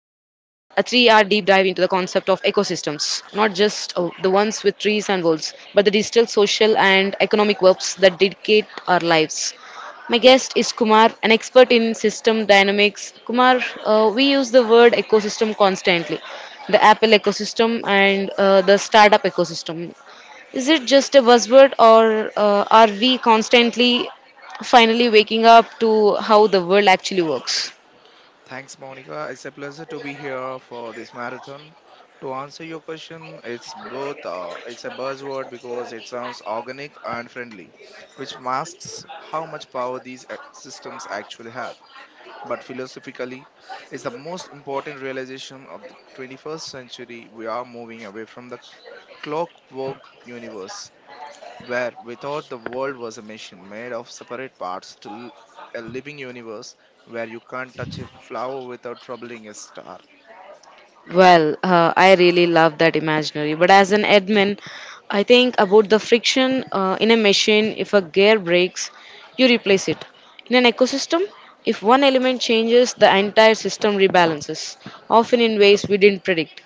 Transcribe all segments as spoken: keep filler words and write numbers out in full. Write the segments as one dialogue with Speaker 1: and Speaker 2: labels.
Speaker 1: concept of ecosystems, not just uh, the ones with trees and walls, but the digital, social, and economic webs that dictate our lives. My guest is Kumar, an expert in system dynamics. Kumar, uh, we use the word ecosystem constantly, the Apple ecosystem and uh, the startup ecosystem. Is it just a buzzword, or uh, are we constantly finally waking up to how the world actually works?
Speaker 2: Thanks, Monica. It's a pleasure to be here for this marathon. To answer your question, it's both. Uh, it's a buzzword because it sounds organic and friendly, which masks how much power these ac- systems actually have. But philosophically, it's the most important realization of the twenty-first century. We are moving away from the clockwork universe where without the world was a machine made of separate parts to l- a living universe where you can't touch a flower without troubling a star.
Speaker 1: Well, uh, I really love that imaginary. But as an admin, I think about the friction uh, in a machine. If a gear breaks, you replace it. In an ecosystem, if one element changes, the entire system rebalances, often in ways we didn't predict.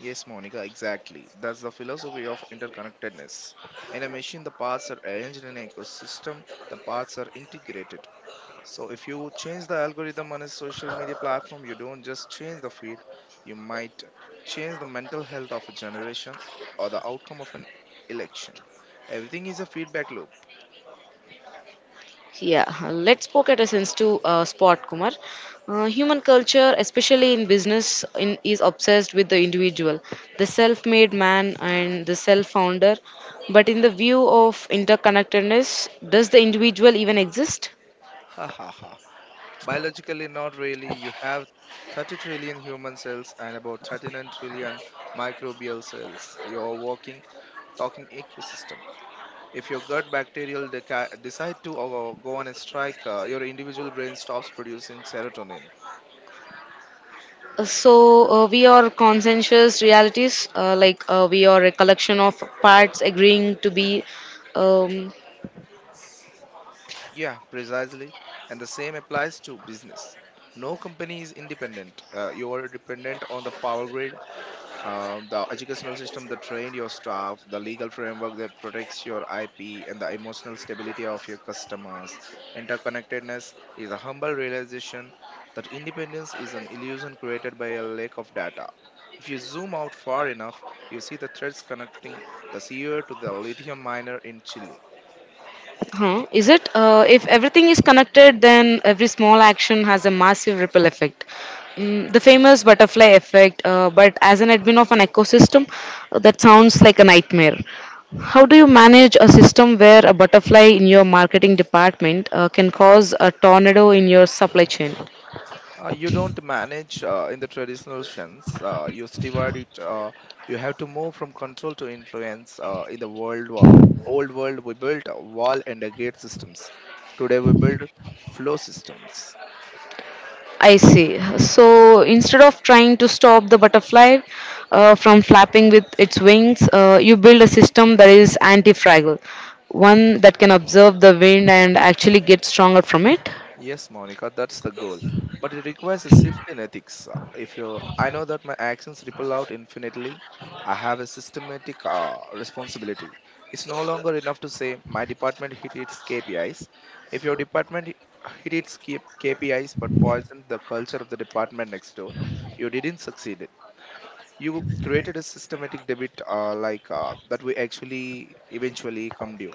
Speaker 2: Yes, Monica, exactly. That's the philosophy of interconnectedness. In a machine, the parts are arranged in an ecosystem, the parts are integrated. So, if you change the algorithm on a social media platform, you don't just change the feed, you might change the mental health of a generation or the outcome of an election. Everything is a feedback loop.
Speaker 1: Yeah, let's poke at essence to uh, spot Kumar. Uh, human culture, especially in business, in, is obsessed with the individual, the self-made man and the self-founder. But in the view of interconnectedness, does the individual even exist?
Speaker 2: Ha ha ha. Biologically, not really. You have thirty trillion human cells and about thirty-nine trillion microbial cells. You're walking, talking ecosystem. If your gut bacterial deca- decide to uh, go on a strike. Uh, your individual brain stops producing serotonin.
Speaker 1: Uh, so uh, we are conscientious realities uh, like uh, we are a collection of parts agreeing to be um,
Speaker 2: Yeah, precisely. And the same applies to business. No company is independent. Uh, you are dependent on the power grid, Um, the educational system that trained your staff, the legal framework that protects your I P, and the emotional stability of your customers. Interconnectedness is a humble realization that independence is an illusion created by a lack of data. If you zoom out far enough, you see the threads connecting the C E O to the lithium miner in Chile.
Speaker 1: Huh? Is it? Uh, if everything is connected, then every small action has a massive ripple effect. Mm, the famous butterfly effect, uh, but as an admin of an ecosystem, uh, that sounds like a nightmare. How do you manage a system where a butterfly in your marketing department uh, can cause a tornado in your supply chain?
Speaker 2: Uh, you don't manage uh, in the traditional sense. Uh, you divide it. Uh, you have to move from control to influence. Uh, in the world, wa- old world, we built a wall and a gate systems. Today, we build flow systems.
Speaker 1: I see. So instead of trying to stop the butterfly uh, from flapping with its wings, uh, you build a system that is anti fragile, one that can observe the wind and actually get stronger from it.
Speaker 2: Yes, Monica, that's the goal. But it requires a shift in ethics. Uh, If you, I know that my actions ripple out infinitely. I have a systematic uh, responsibility. It's no longer enough to say my department hit its K P Is. If your department hi- hit its K- KPIs but poisoned the culture of the department next door, you didn't succeed. You created a systematic debit, uh, like uh, that we actually eventually come due.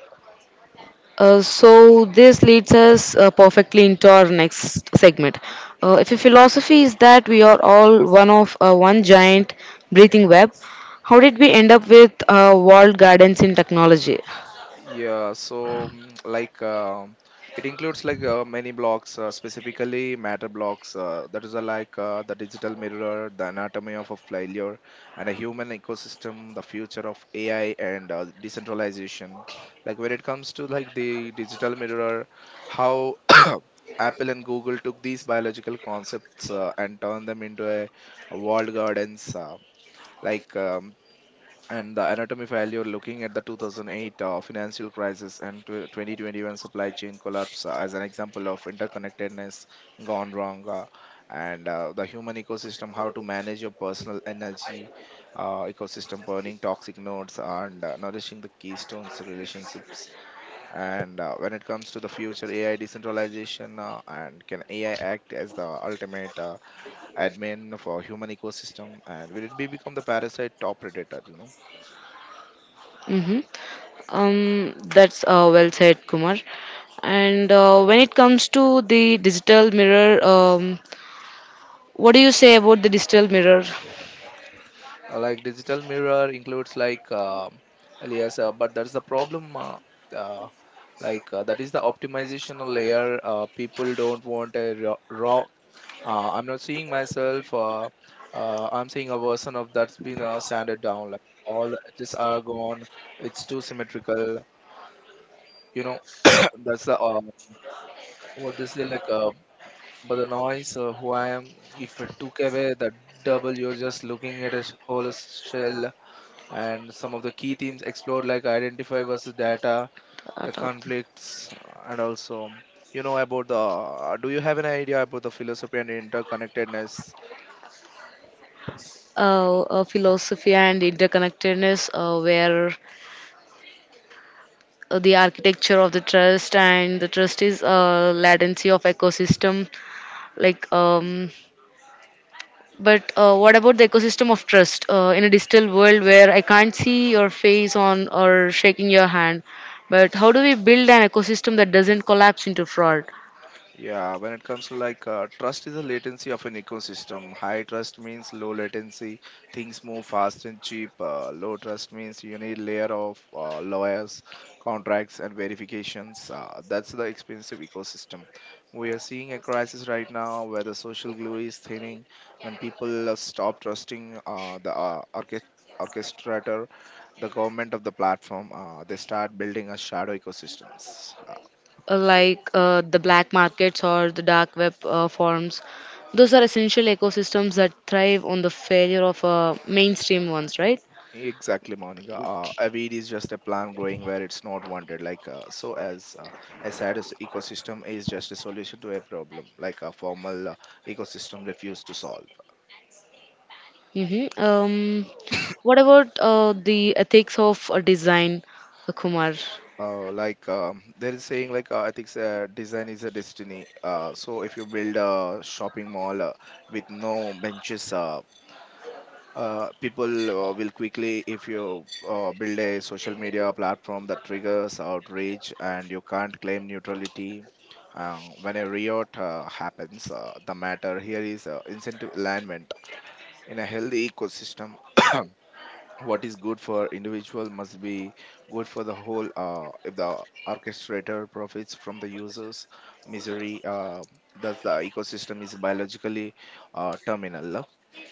Speaker 1: Uh, so this leads us uh, perfectly into our next segment. Uh, if your philosophy is that we are all one of uh, one giant breathing web, how did we end up with uh, walled gardens in technology?
Speaker 2: Yeah, so mm, like um it includes like uh, many blocks, uh, specifically matter blocks. Uh, that is uh, like uh, the digital mirror, the anatomy of a failure, and a human ecosystem, the future of A I and uh, decentralization. Like when it comes to like the digital mirror, how Apple and Google took these biological concepts, uh, and turned them into a, a walled gardens. Uh, like um, and the anatomy file. You're looking at the two thousand eight uh, financial crisis and tw- twenty twenty-one supply chain collapse uh, as an example of interconnectedness gone wrong, uh, and uh, the human ecosystem, how to manage your personal energy uh, ecosystem burning toxic nodes and uh, nourishing the keystones relationships, and uh, when it comes to the future A I decentralization, uh, and can A I act as the ultimate uh, admin for human ecosystem, and will it be become the parasite top predator you know
Speaker 1: Hmm. Um, that's uh, Well said, Kumar. And uh, when it comes to the digital mirror, um, what do you say about the digital mirror?
Speaker 2: uh, Like digital mirror includes like um alias, uh, but that's the problem. uh, uh, like uh, that is the optimization layer. Uh, people don't want a raw, raw. uh, I'm not seeing myself. uh, uh, I'm seeing a version of that's been uh, sanded down, like all the edges are gone. It's too symmetrical you know that's the, uh, what they say, like, uh, but the noise, uh, who I am. If it took away that double, you're just looking at a whole shell. And some of the key themes explored, like identify versus data, the
Speaker 1: Thought of the-
Speaker 2: conflicts, and also, you know about the, do you have an idea about the philosophy and interconnectedness?
Speaker 1: uh, uh, Philosophy and interconnectedness, uh, where uh, the architecture of the trust, and the trust is uh, latency of ecosystem, like um, but uh, what about the ecosystem of trust uh, in a digital world where I can't see your face on or shaking your hand? But how do we build an ecosystem that doesn't collapse into fraud,
Speaker 2: Yeah, when it comes to like, uh, trust is the latency of an ecosystem. High trust means low latency, things move fast and cheap. Uh, low trust means you need layer of uh, lawyers, contracts, and verifications. Uh, that's the expensive ecosystem. We are seeing a crisis right now where the social glue is thinning, when people uh, stop trusting uh, the uh, orchest- orchestrator, the government of the platform. Uh, they start building a shadow ecosystems. Uh,
Speaker 1: uh, like uh, the black markets or the dark web uh, forms? Those are essential ecosystems that thrive on the failure of uh, mainstream ones, right?
Speaker 2: Exactly, Monica. Uh, Avid is just a plant growing where it's not wanted. Like, uh, so, as uh, a sad as ecosystem is just a solution to a problem, like a formal uh, ecosystem refused to solve.
Speaker 1: Mm-hmm. Um, what about uh, the ethics of uh, design, uh, Kumar?
Speaker 2: Uh, like um, there is saying, like uh, I think uh, design is a destiny. Uh, so if you build a shopping mall uh, with no benches, uh, uh, people uh, will quickly if you uh, build a social media platform that triggers outrage and you can't claim neutrality, um, when a riot uh, happens, uh, the matter here is uh, incentive alignment in a healthy ecosystem. What is good for individual must be good for the whole. Uh, if the orchestrator profits from the users misery, uh, thus the ecosystem is biologically uh, terminal,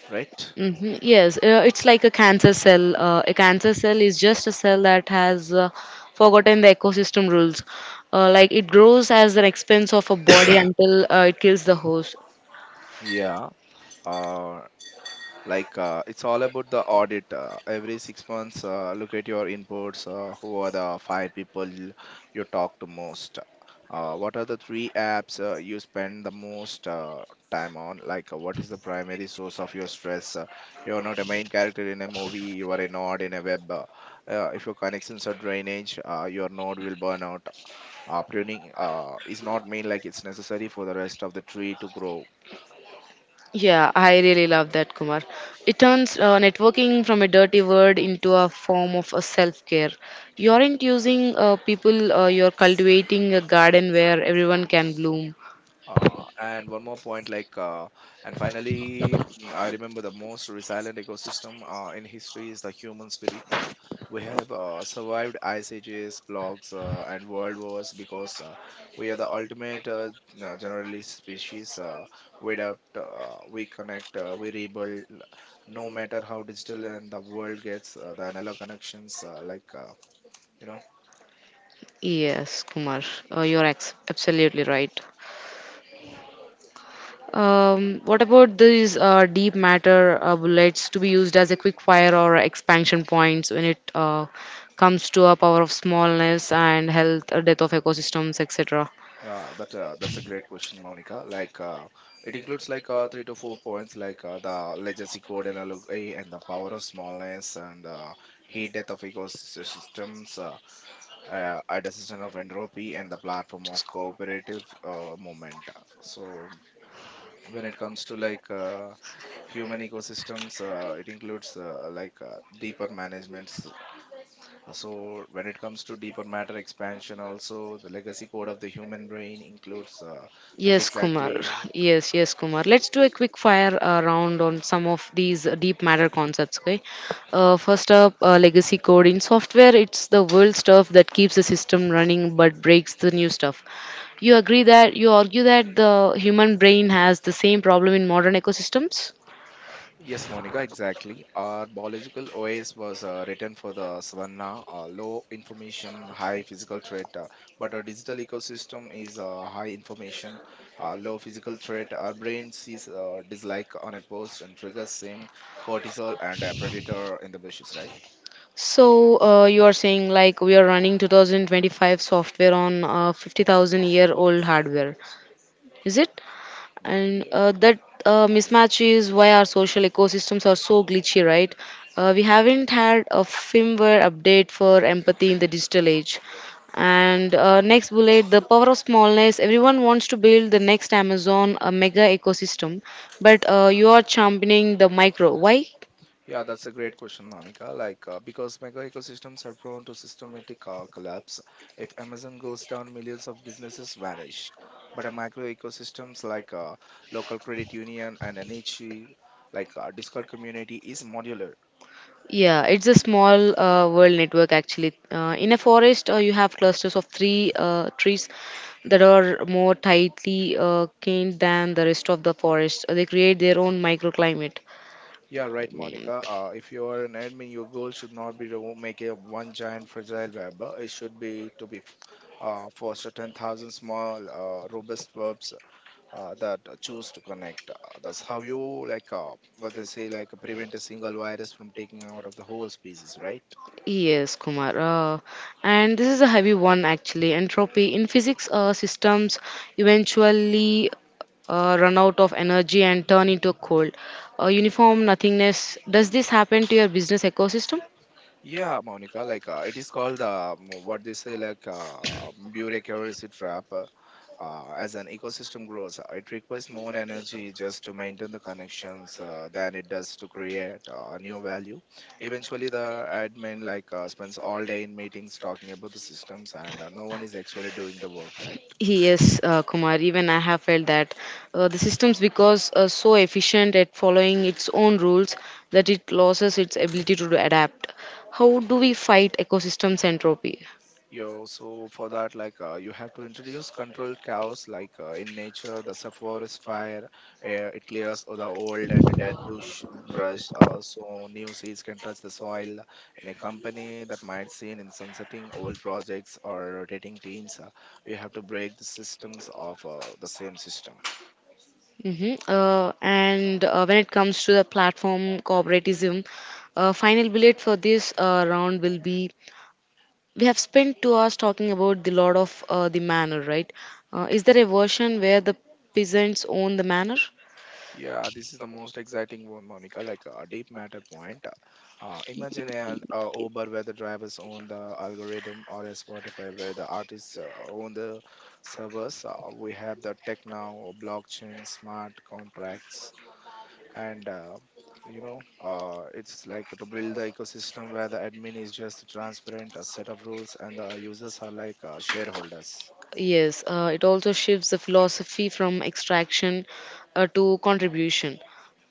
Speaker 2: right?
Speaker 1: Hmm. Yes, uh, it's like a cancer cell. Uh, a cancer cell is just a cell that has uh, forgotten the ecosystem rules. Uh, like it grows as an expense of a body until uh, it kills the host.
Speaker 2: Yeah, uh, like, uh, it's all about the audit. Uh, every six months, uh, look at your inputs. Uh, who are the five people you talk to most? Uh, what are the three apps uh, you spend the most uh, time on? Like uh, what is the primary source of your stress? Uh, you're not a main character in a movie, you are a node in a web. Uh, uh, if your connections are drainage, uh, your node will burn out. Uh, pruning uh, is not mean, like it's necessary for the rest of the tree to grow.
Speaker 1: Yeah, I really love that, Kumar. It turns uh, networking from a dirty word into a form of a self-care. You aren't using uh, people, uh, you're cultivating a garden where everyone can bloom.
Speaker 2: Uh, and one more point, like, uh, and finally, mm, I remember the most resilient ecosystem uh, in history is the human spirit. Uh, we have uh, survived ice ages, blocks, uh, and world wars, because uh, we are the ultimate uh, uh, generalist species. Uh, we adapt, uh, we connect, uh, we rebuild. No matter how digital and the world gets, uh, the analog connections, uh, like, uh, you know.
Speaker 1: Yes, Kumar, uh, you're ex- absolutely right. Um, what about these uh, deep matter uh, bullets to be used as a quick fire or expansion points when it uh, comes to a power of smallness and health, uh, death of ecosystems, et cetera?
Speaker 2: Yeah, that uh, that's a great question, Monica. Like, uh, it includes like uh, three to four points, like uh, the legacy code analogy and the power of smallness, and uh, heat death of ecosystems, uh, uh, adaptation of entropy, and the platform of cooperative uh, movement. So, when it comes to like uh, human ecosystems, uh, it includes uh, like uh, deeper management. uh, So, when it comes to deeper matter expansion, also the legacy code of the human brain includes, uh, like
Speaker 1: Yes, Kumar.
Speaker 2: exactly,
Speaker 1: Yes, yes, Kumar. Let's do a quick fire uh, round on some of these uh, deep matter concepts. Okay. Uh, first up, uh, legacy code in software. It's the old stuff that keeps the system running but breaks the new stuff. You agree that you argue that the human brain has the same problem in modern ecosystems.
Speaker 2: yes, Monica, exactly. Our biological O S was uh, written for the savanna, uh, low information, high physical threat, uh, but our digital ecosystem is uh, high information, uh, low physical threat. Our brain sees uh, dislike on a post and triggers same cortisol and a predator in the bushes, right?
Speaker 1: So uh, you are saying like we are running two thousand twenty-five software on uh, fifty thousand year old hardware. Is it? And
Speaker 2: Uh,
Speaker 1: uh, that uh, mismatch is why our social ecosystems are so glitchy, right? Uh, we haven't had a firmware update for empathy in the digital age. And uh, next bullet, the power of smallness. Everyone wants to build the next Amazon, a mega ecosystem, but uh, you are championing the micro. Why?
Speaker 2: Yeah, that's a great question, Monica. Like, uh, because mega ecosystems are prone to systematic uh, collapse. If Amazon goes down, millions of businesses vanish. But a micro ecosystems, like uh, local credit union and N H E, like uh, Discord community, is modular.
Speaker 1: Yeah, it's a small uh, world network actually. Uh, in a forest, uh, you have clusters of three uh, trees that are more tightly uh, caned than the rest of the forest. Uh, They create their own microclimate.
Speaker 2: Yeah, right, Monica. Uh, if you are an admin, your goal should not be to make a one giant fragile web. uh, It should be to be f-
Speaker 1: Mm.
Speaker 2: uh, foster ten thousand small, uh, robust webs uh, that uh, choose to connect. Uh, that's how you, like uh, what they say, like prevent a single virus from taking out of the whole species, right?
Speaker 1: Yes, Kumar. Uh, and this is a heavy one actually. Entropy in physics, uh, systems eventually uh, run out of energy and turn into cold. Uh, uniform nothingness. Does this happen to your business ecosystem?
Speaker 2: Yeah, Monica. Like uh, it is called, uh, m- what they say, like uh, bureaucracy trap. Uh, uh, as an ecosystem grows, uh, it requires more energy just to maintain the connections uh, than it does to create uh, new value. Eventually, the admin like uh, spends all day in meetings talking about the systems, and uh, no one is actually doing the work, right?
Speaker 1: Yes, uh, Kumar, even I have felt that uh, the systems because uh, so efficient at following its own rules that it loses its ability to adapt. How do we fight ecosystem entropy?
Speaker 2: Yo, so for that, like uh, you have to introduce controlled chaos, like uh, in nature, the forest fire, uh, it clears all the old and dead bush brush, uh, so new seeds can touch the soil. In a company, that might seen in sunsetting old projects or rotating teams, uh, you have to break the systems of uh, the same system.
Speaker 1: Hmm. Uh, and uh, When it comes to the platform cooperativism, uh, final bullet for this uh, round will be, we have spent two hours talking about the lord of uh, the manor, right? Uh, is there a version where the peasants own the manor?
Speaker 2: Yeah, this is the most exciting one, Monica. Like a deep matter point. Uh, imagine an uh, Uber where the drivers own the algorithm, or a Spotify where the artists uh, own the servers. Uh, we have the tech now, blockchain, smart contracts, and uh, you know, uh, it's like to build the ecosystem where the admin is just transparent, a set of rules, and the users are like uh, shareholders.
Speaker 1: Yes, uh, it also shifts the philosophy from extraction uh, to contribution,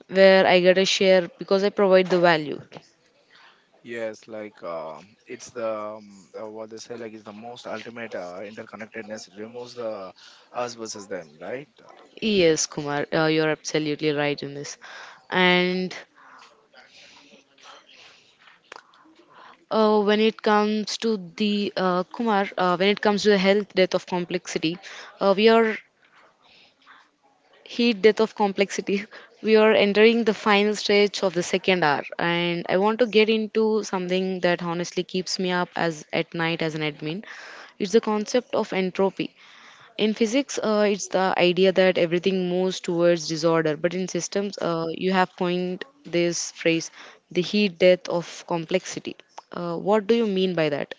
Speaker 1: where I get a share because I provide the value.
Speaker 2: Yes, like uh, it's the, um, uh, what they say, like it's the most ultimate uh, interconnectedness. It removes the us versus them, right?
Speaker 1: Yes, Kumar, uh, you're absolutely right in this. And Uh, when it comes to the uh, Kumar, uh, when it comes to the health death of complexity, uh, we are heat death of complexity. We are entering the final stage of the second hour, and I want to get into something that honestly keeps me up as at night as an admin. It's the concept of entropy. In physics, uh, it's the idea that everything moves towards disorder, but in systems, uh, you have coined this phrase, the heat death of complexity. Uh, what do you mean by that?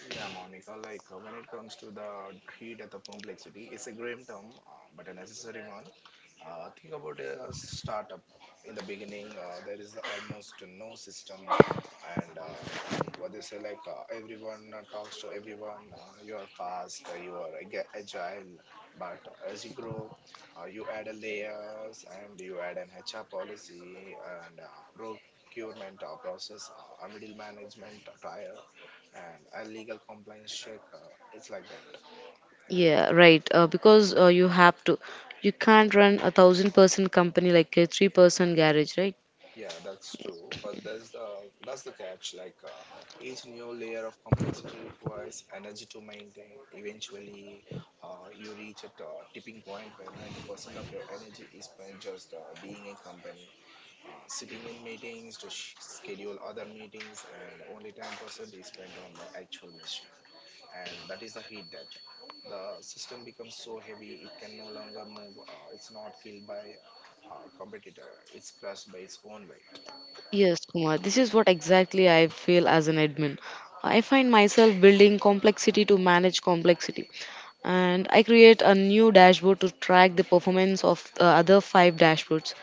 Speaker 2: Yeah, Monica, like uh, when it comes to the heat death of complexity, it's a grim term, uh, but a necessary one. Uh, think about a startup. In the beginning, uh, there is almost no system, and uh, what they say, like uh, everyone uh, talks to everyone, uh, you are fast, uh, you are ag- agile, but as you grow, uh, you add a layers and you add an H R policy and uh, procurement uh, process, uh, a middle management tier and a legal compliance check, uh, it's like that.
Speaker 1: Yeah, right. Uh, because uh, You have to, you can't run a thousand person company like a three person garage, right?
Speaker 2: Yeah, that's true, but there's the that's the catch, like uh, each new layer of complexity requires energy to maintain. Eventually uh, you reach at a tipping point where ninety percent of your energy is spent just uh, being in company, uh, sitting in meetings to sh- schedule other meetings, and only ten percent is spent on the actual mission, and that is the heat death. The system becomes so heavy it can no longer move. Uh, it's not killed by uh, a competitor. It's crushed by its own weight.
Speaker 1: Yes, Kumar. This is what exactly I feel as an admin. I find myself building complexity to manage complexity. And I create a new dashboard to track the performance of the other five dashboards.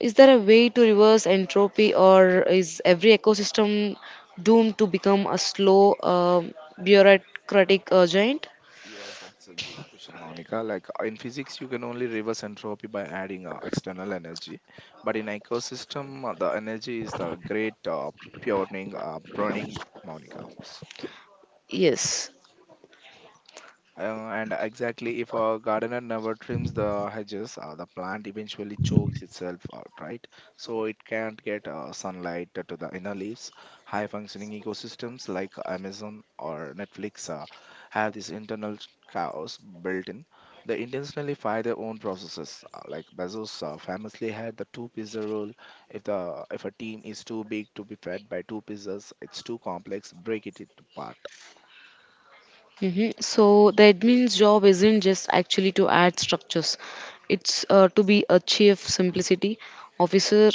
Speaker 1: Is there a way to reverse entropy, or is every ecosystem doomed to become a slow, uh, bureaucratic uh, giant?
Speaker 2: Yes, that's a good question, Monica. Like uh, in physics, you can only reverse entropy by adding uh, external energy, but in ecosystem, uh, the energy is the great uh, pruning, uh, pruning, Monica.
Speaker 1: Yes.
Speaker 2: Uh, and exactly, if a gardener never trims the hedges, uh, the plant eventually chokes itself out, right? So it can't get uh, sunlight to the inner leaves. High functioning ecosystems like Amazon or Netflix uh, have this internal chaos built in. They intentionally fire their own processes. Uh, like Bezos uh, famously had the two pizza rule. If the if a team is too big to be fed by two pizzas, it's too complex. Break it apart.
Speaker 1: Hmm. So the admin's job isn't just actually to add structures. It's uh, to be a chief simplicity officer,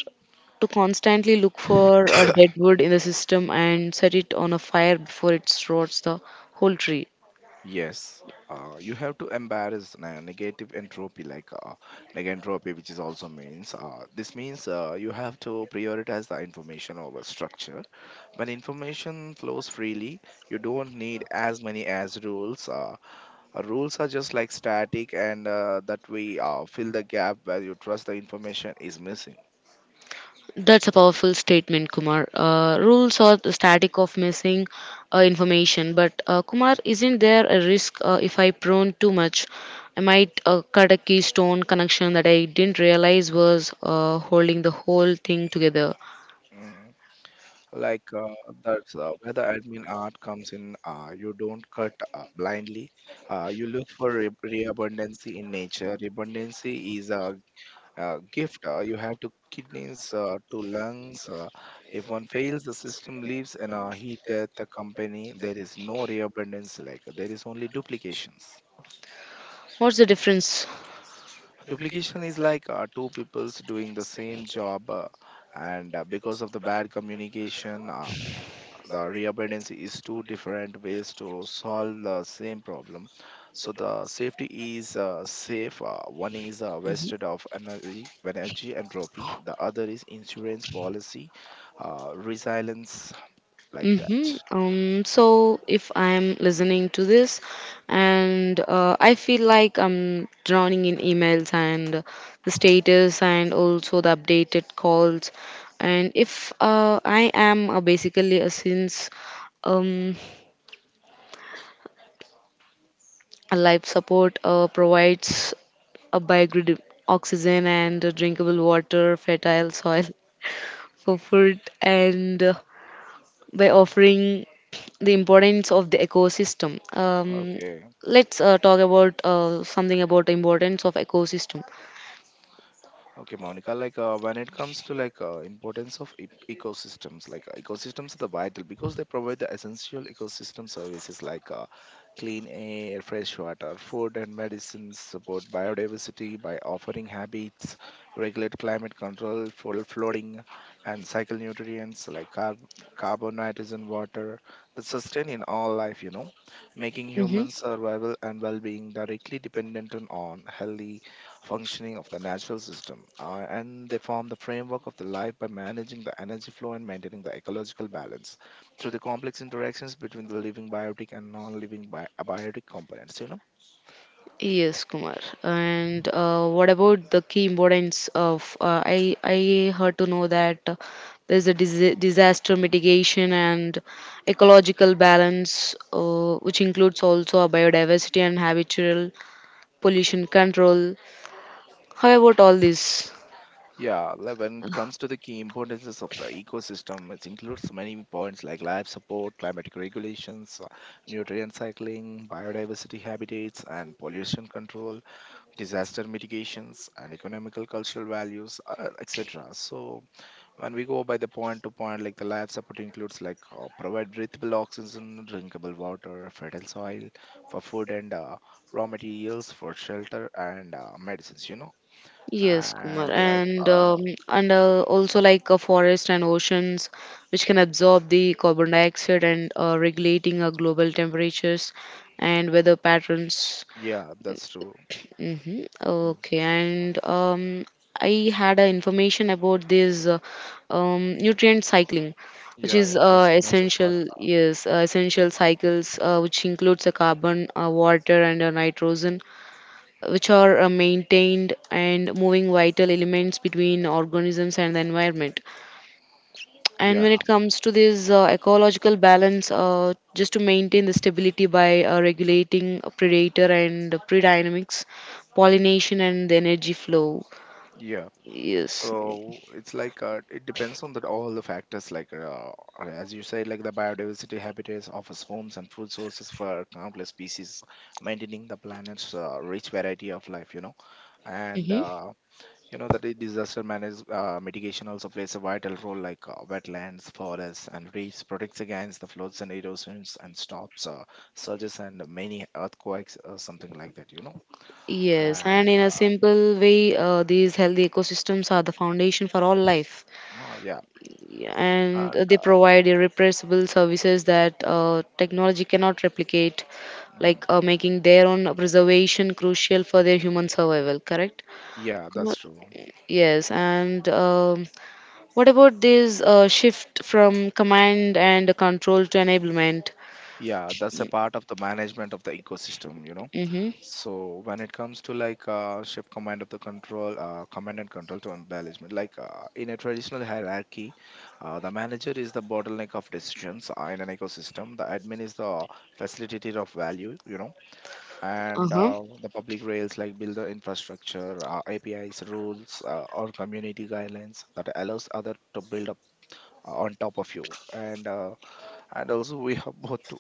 Speaker 1: to constantly look for a dead wood in the system and set it on a fire before it rots the whole tree.
Speaker 2: Yes, uh, you have to embrace ne- negative entropy, like uh, negentropy, which is also means. Uh, this means uh, you have to prioritize the information over structure. When information flows freely, you don't need as many as rules. Uh, uh, rules are just like static, and uh, that we uh, fill the gap where you trust the information is missing.
Speaker 1: That's a powerful statement, Kumar. Uh, rules are the static of missing uh, information, but uh, Kumar, isn't there a risk uh, if I prone too much? I might uh, cut a keystone connection that I didn't realize was uh, holding the whole thing together.
Speaker 2: Mm-hmm. Like uh, that's uh, where the admin art comes in. Uh, you don't cut uh, blindly, uh, you look for re- reabundance in nature. Abundance is a, a gift. Uh, you have to kidneys uh, to lungs, uh, if one fails the system leaves, and uh, heat death the company. There is no reabundance, like there is only duplications.
Speaker 1: What's the difference?
Speaker 2: Duplication is like uh, two peoples doing the same job, uh, and uh, because of the bad communication, uh, the reabundance is two different ways to solve the same problem, so the safety is uh, safe, uh, one is uh,
Speaker 1: Mhm.
Speaker 2: wasted of energy. Energy entropy, the other is insurance policy, uh, resilience, like that.
Speaker 1: Mm-hmm. Um, so if I'm listening to this and uh, I feel like I'm drowning in emails and the status and also the updated calls, and if uh, I am uh, basically a since um, a life support uh, provides a biogrid oxygen and drinkable water, fertile soil for food, and uh, by offering the importance of the ecosystem. Um,
Speaker 2: Okay.
Speaker 1: let's uh, talk about uh, something about the importance of ecosystem.
Speaker 2: Okay, Monica, like uh, when it comes to like uh, importance of e- ecosystems, like uh, ecosystems are the vital because they provide the essential ecosystem services like uh, clean air, fresh water, food and medicines, support biodiversity by offering habits, regulate climate control for flooding and cycle nutrients like carb- carbon, nitrogen, water that sustain in all life, you know, making human
Speaker 1: Hmm.
Speaker 2: survival and well-being directly dependent on on healthy functioning of the natural system, uh, and they form the framework of the life by managing the energy flow and maintaining the ecological balance through the complex interactions between the living biotic and non-living bi- abiotic components. You know.
Speaker 1: Yes, Kumar. And uh, what about the key importance of? Uh, I I heard to know that uh, there's a dis- disaster mitigation and ecological balance, uh, which includes also a biodiversity and habitual pollution control. How about all this?
Speaker 2: Yeah, like when it comes to the key importances of the ecosystem, it includes many points like life support, climatic regulations, uh, nutrient cycling, biodiversity habitats, and pollution control, disaster mitigations, and economical cultural values, uh, et cetera. So, when we go by the point to point, like the life support includes like uh, provide breathable oxygen, drinkable water, fertile soil for food and uh, raw materials for shelter and uh, medicines, you know.
Speaker 1: Yes, Kumar,
Speaker 2: And like,
Speaker 1: and
Speaker 2: uh,
Speaker 1: um, and uh, also like uh, forest and oceans, which can absorb the carbon dioxide and uh, regulating our global temperatures and weather patterns.
Speaker 2: yeah, that's true.
Speaker 1: Hmm.
Speaker 2: Mm.
Speaker 1: Okay, and um, I had a information about this uh, um, nutrient cycling, which
Speaker 2: Yeah, yeah,
Speaker 1: is
Speaker 2: that's
Speaker 1: uh,
Speaker 2: the major part.
Speaker 1: essential. Yes, uh, essential cycles, uh, which includes a carbon, uh, water, and a nitrogen which are uh, maintained and moving vital elements between organisms and the environment. And
Speaker 2: Yeah,
Speaker 1: when it comes to this uh, ecological balance, uh, just to maintain the stability by uh, regulating predator and prey dynamics, pollination, and the energy flow.
Speaker 2: yeah.
Speaker 1: Yes.
Speaker 2: So it's like uh, it depends on that all the factors, like uh, as you said, like the biodiversity habitats offers homes and food sources for countless species, maintaining the planet's uh, rich variety of life. You know. And
Speaker 1: Hmm.
Speaker 2: uh, you know that the disaster manage uh, mitigation also plays a vital role, like uh, wetlands forests and reefs protects against the floods and erosions and stops uh, surges and many earthquakes or something like that, you know.
Speaker 1: Yes, and
Speaker 2: And
Speaker 1: in a
Speaker 2: uh,
Speaker 1: simple way, uh, these healthy ecosystems are the foundation for all life.
Speaker 2: oh, yeah.
Speaker 1: And
Speaker 2: And,
Speaker 1: they
Speaker 2: uh,
Speaker 1: provide irrepressible services that uh, technology cannot replicate, like uh,
Speaker 2: mm,
Speaker 1: making their own preservation crucial for their human survival, correct?
Speaker 2: yeah, that's
Speaker 1: What—
Speaker 2: true.
Speaker 1: Yes, and um, what about this uh, shift from command and control to enablement?
Speaker 2: Yeah, that's a part of the management of the ecosystem, you know.
Speaker 1: Mm-hmm.
Speaker 2: So when it comes to like uh, shift command of the control, uh, command and control to embellishment, like uh, in a traditional hierarchy, uh, the manager is the bottleneck of decisions uh, in an ecosystem. The admin is the facilitator of value, you know, and
Speaker 1: Uh-huh.
Speaker 2: uh, the public rails like build the infrastructure, uh, A P Is, rules, uh, or community guidelines that allows other to build up uh, on top of you. And uh, and also we have both,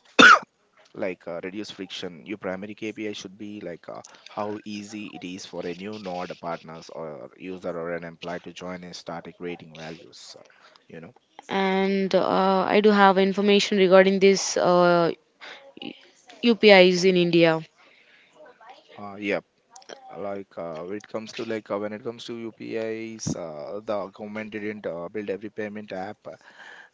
Speaker 2: like uh, reduce friction, your primary kpi should be like uh, how easy it is for a new node partners or user or an employee to join and start creating values, uh, you know.
Speaker 1: And uh, I do have information regarding this uh, U P Is in India.
Speaker 2: Uh, yep. Like uh, when it comes to like uh, when it comes to upis, uh, the government didn't uh, build every payment app, uh,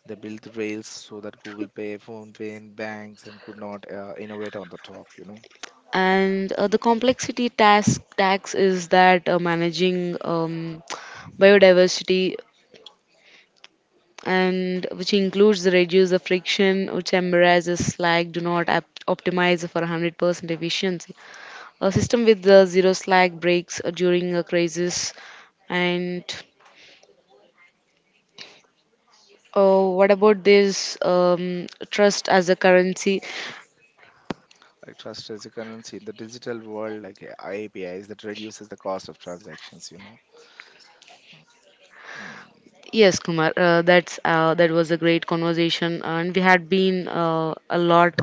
Speaker 2: they built rails so that google pay phone pay and banks and could not uh, innovate on the top, you know.
Speaker 1: And uh, the complexity task tax is that uh, managing um, biodiversity, and which includes the reduce the friction which embarrasses slag, do not op- optimize for one hundred percent efficiency. A system with the zero slack breaks uh, during a crisis. And uh, what about this um, trust as a currency?
Speaker 2: Like trust as a currency in the digital world, like uh, apis that reduces the cost of transactions, you know. Mm.
Speaker 1: Yes, Kumar, uh, that's uh, that was a great conversation, and we had been uh, a lot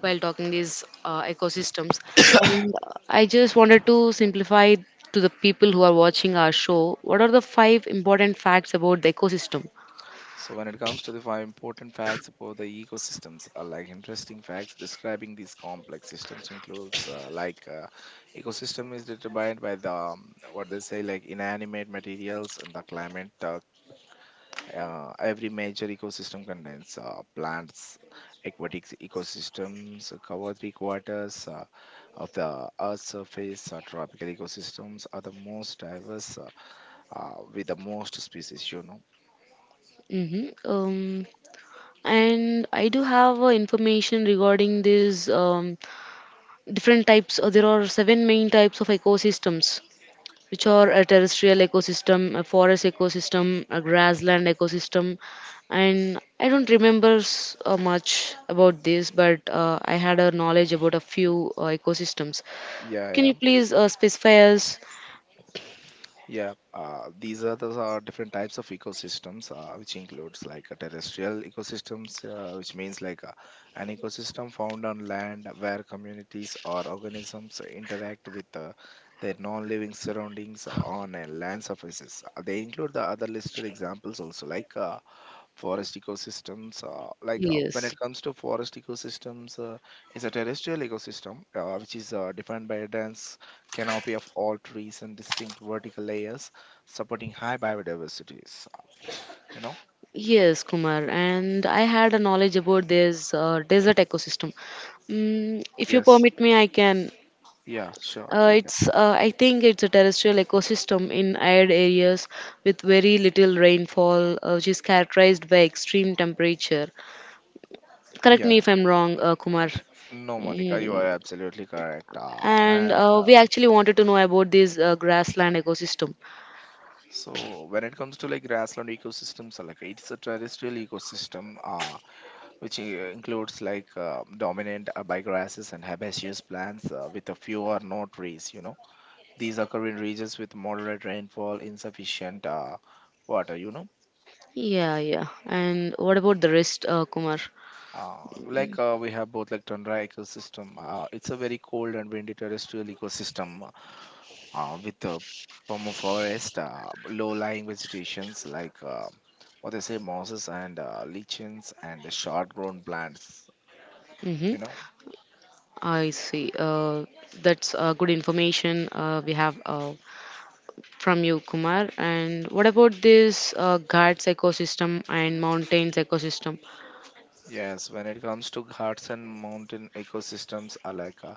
Speaker 1: while talking these uh, ecosystems. And uh, I just wanted to simplify to the people who are watching our show. What are the five important facts about the ecosystem?
Speaker 2: So when it comes to the five important facts about the ecosystems, uh, like interesting facts describing these complex systems includes uh, like uh, ecosystem is determined by the um, what they say, like inanimate materials and the climate. Uh, uh, every major ecosystem contains uh, plants, aquatic ecosystems uh, cover three quarters uh, of the Earth's surface. Uh, tropical ecosystems are the most diverse, uh, uh, with the most species. You know.
Speaker 1: Hmm. Um, and I do have uh, information regarding these um, different types. Uh, there are seven main types of ecosystems, which are a terrestrial ecosystem, a forest ecosystem, a grassland ecosystem, and I don't remember s- uh, much about this, but uh, I had a knowledge about a few uh, ecosystems.
Speaker 2: Yeah,
Speaker 1: Can
Speaker 2: yeah.
Speaker 1: you please uh, specify us?
Speaker 2: Yeah, uh, these are those are different types of ecosystems, uh, which includes like uh, terrestrial ecosystems, uh, which means like uh, an ecosystem found on land where communities or organisms interact with uh, their non-living surroundings on a land surfaces. Uh, They include the other listed examples also, like uh, forest ecosystems, uh, like uh, when
Speaker 1: Yes.
Speaker 2: it comes to forest ecosystems, uh, is a terrestrial ecosystem uh, which is uh, defined by a dense canopy of all trees and distinct vertical layers supporting high biodiversities, uh, you know.
Speaker 1: Yes, Kumar, and I had a knowledge about this uh, desert ecosystem. Mm, if you
Speaker 2: Yes.
Speaker 1: permit me, I can
Speaker 2: Yeah, sure,
Speaker 1: Uh,
Speaker 2: you can.
Speaker 1: it's uh, I think it's a terrestrial ecosystem in arid areas with very little rainfall, uh, which is characterized by extreme temperature. Correct
Speaker 2: Yeah,
Speaker 1: me if I'm wrong, uh, Kumar.
Speaker 2: no, Monica, you are
Speaker 1: Mm.
Speaker 2: absolutely correct. Uh,
Speaker 1: And
Speaker 2: and
Speaker 1: uh,
Speaker 2: uh,
Speaker 1: we actually wanted to know about this uh, grassland ecosystem.
Speaker 2: So when it comes to like grassland ecosystems, uh, like it's a terrestrial ecosystem uh, which uh, includes, like uh, dominant abigrasses and herbaceous plants uh, with a few or no trees, you know. These occur in regions with moderate rainfall insufficient uh, water, you know.
Speaker 1: Yeah, yeah. And what about the rest, uh, Kumar?
Speaker 2: Uh, like uh, we have both, like tundra ecosystem, uh, it's a very cold and windy terrestrial ecosystem uh, with uh, permaforest, uh, low-lying vegetations, like uh, what they say, mosses and uh, lichens and short-grown plants,
Speaker 1: Mm-hmm.
Speaker 2: you know.
Speaker 1: I see. Uh, that's uh, Good information uh, we have. Uh, from you, Kumar. And what about this uh, Ghats ecosystem and mountains ecosystem?
Speaker 2: Yes, when it comes to Ghats and mountain ecosystems alike, uh,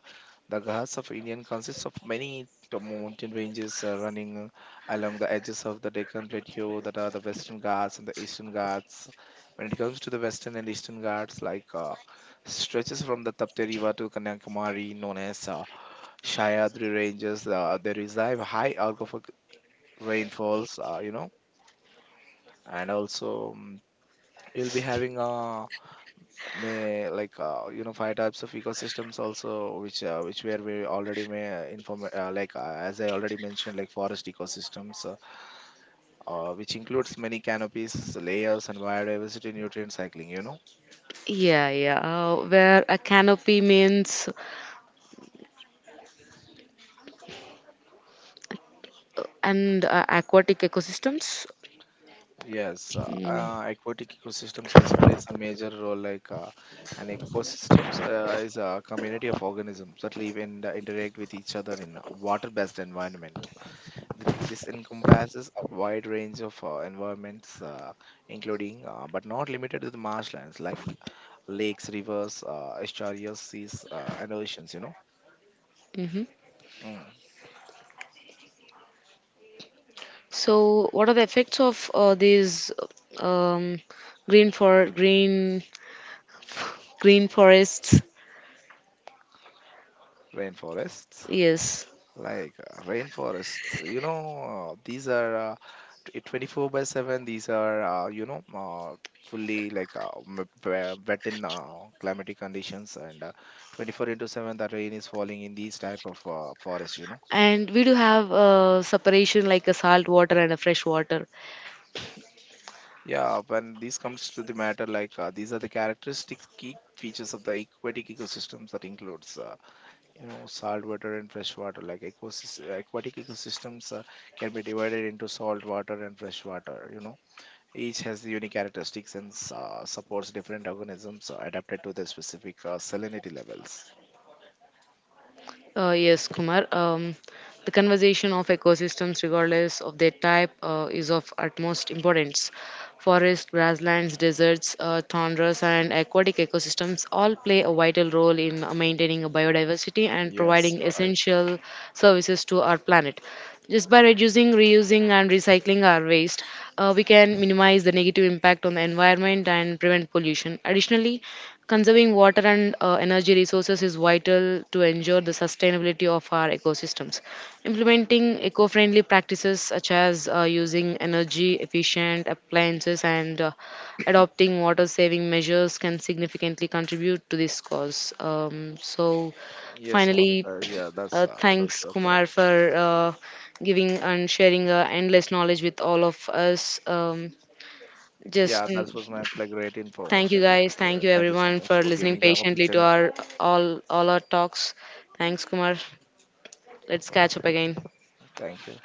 Speaker 2: the Ghats of India consists of many t- mountain ranges uh, running uh, along the edges of the Deccan Plateau, that are the Western Ghats and the Eastern Ghats. When it comes to the Western and Eastern Ghats, like uh, stretches from the Tapti River to Kanyakumari, known as uh, Sahyadri Ranges, uh, they receive high alcohol rainfalls, uh, you know, and also um, you'll be having a may, like uh, you know, five types of ecosystems also, which uh, which were we already may uh, inform, uh, like uh, as I already mentioned, like forest ecosystems, uh, uh, which includes many canopies layers and biodiversity nutrient cycling, you know.
Speaker 1: Yeah, yeah. Uh, where a canopy means and uh, aquatic ecosystems.
Speaker 2: Yes. Uh, uh, aquatic ecosystems also plays a major role, like uh, an ecosystems uh, is a community of organisms that live and uh, interact with each other in a water based environment. Th- This encompasses a wide range of uh, environments, uh, including uh, but not limited to the marshlands, like lakes, rivers, uh, estuaries, seas, uh, and oceans, you know.
Speaker 1: Hmm.
Speaker 2: Mm.
Speaker 1: So, what are the effects of uh, these um, green for green green forests?
Speaker 2: Rainforests.
Speaker 1: Yes,
Speaker 2: Like uh, rainforests, you know, uh, these are, uh, t- twenty-four by seven, these are, uh, you know, uh, fully like uh, m- w- wet in uh, climatic conditions, and uh, twenty-four into seven the rain is falling in these type of uh, forests, you know.
Speaker 1: and we do have a separation like a salt water and a fresh water.
Speaker 2: Yeah, when this comes to the matter, like uh, these are the characteristic key features of the aquatic ecosystems, that includes, uh, you know, saltwater and freshwater. Like ecosys- aquatic ecosystems uh, can be divided into saltwater and freshwater. You know, each has the unique characteristics and s- uh, supports different organisms uh, adapted to their specific uh, salinity levels.
Speaker 1: Uh, yes, Kumar. Um, the conservation of ecosystems, regardless of their type, uh, is of utmost importance. Forests, grasslands, deserts, uh, tundras, and aquatic ecosystems all play a vital role in uh, maintaining a biodiversity and
Speaker 2: Yes,
Speaker 1: providing
Speaker 2: you're right.
Speaker 1: essential services to our planet. Just by reducing, reusing, and recycling our waste, uh, we can minimize the negative impact on the environment and prevent pollution. Additionally, conserving water and uh, energy resources is vital to ensure the sustainability of our ecosystems. Implementing eco friendly practices such as uh, using energy efficient appliances and uh, adopting water saving measures can significantly contribute to this cause. Um, so,
Speaker 2: Yes,
Speaker 1: finally,
Speaker 2: Monica. Yeah, that's
Speaker 1: uh,
Speaker 2: uh, that's
Speaker 1: thanks
Speaker 2: uh, correct.
Speaker 1: Kumar for uh, giving and sharing uh, endless knowledge with all of us. Um, Yeah, just
Speaker 2: Yeah, that was my pl- great
Speaker 1: Thank you
Speaker 2: information. That was
Speaker 1: guys.
Speaker 2: all
Speaker 1: Thank
Speaker 2: right.
Speaker 1: you
Speaker 2: Thank you so
Speaker 1: everyone
Speaker 2: much
Speaker 1: for
Speaker 2: for
Speaker 1: listening
Speaker 2: giving the
Speaker 1: patiently to
Speaker 2: opportunity.
Speaker 1: our all all our talks. Thanks Kumar. Let's catch up again.
Speaker 2: Thank you.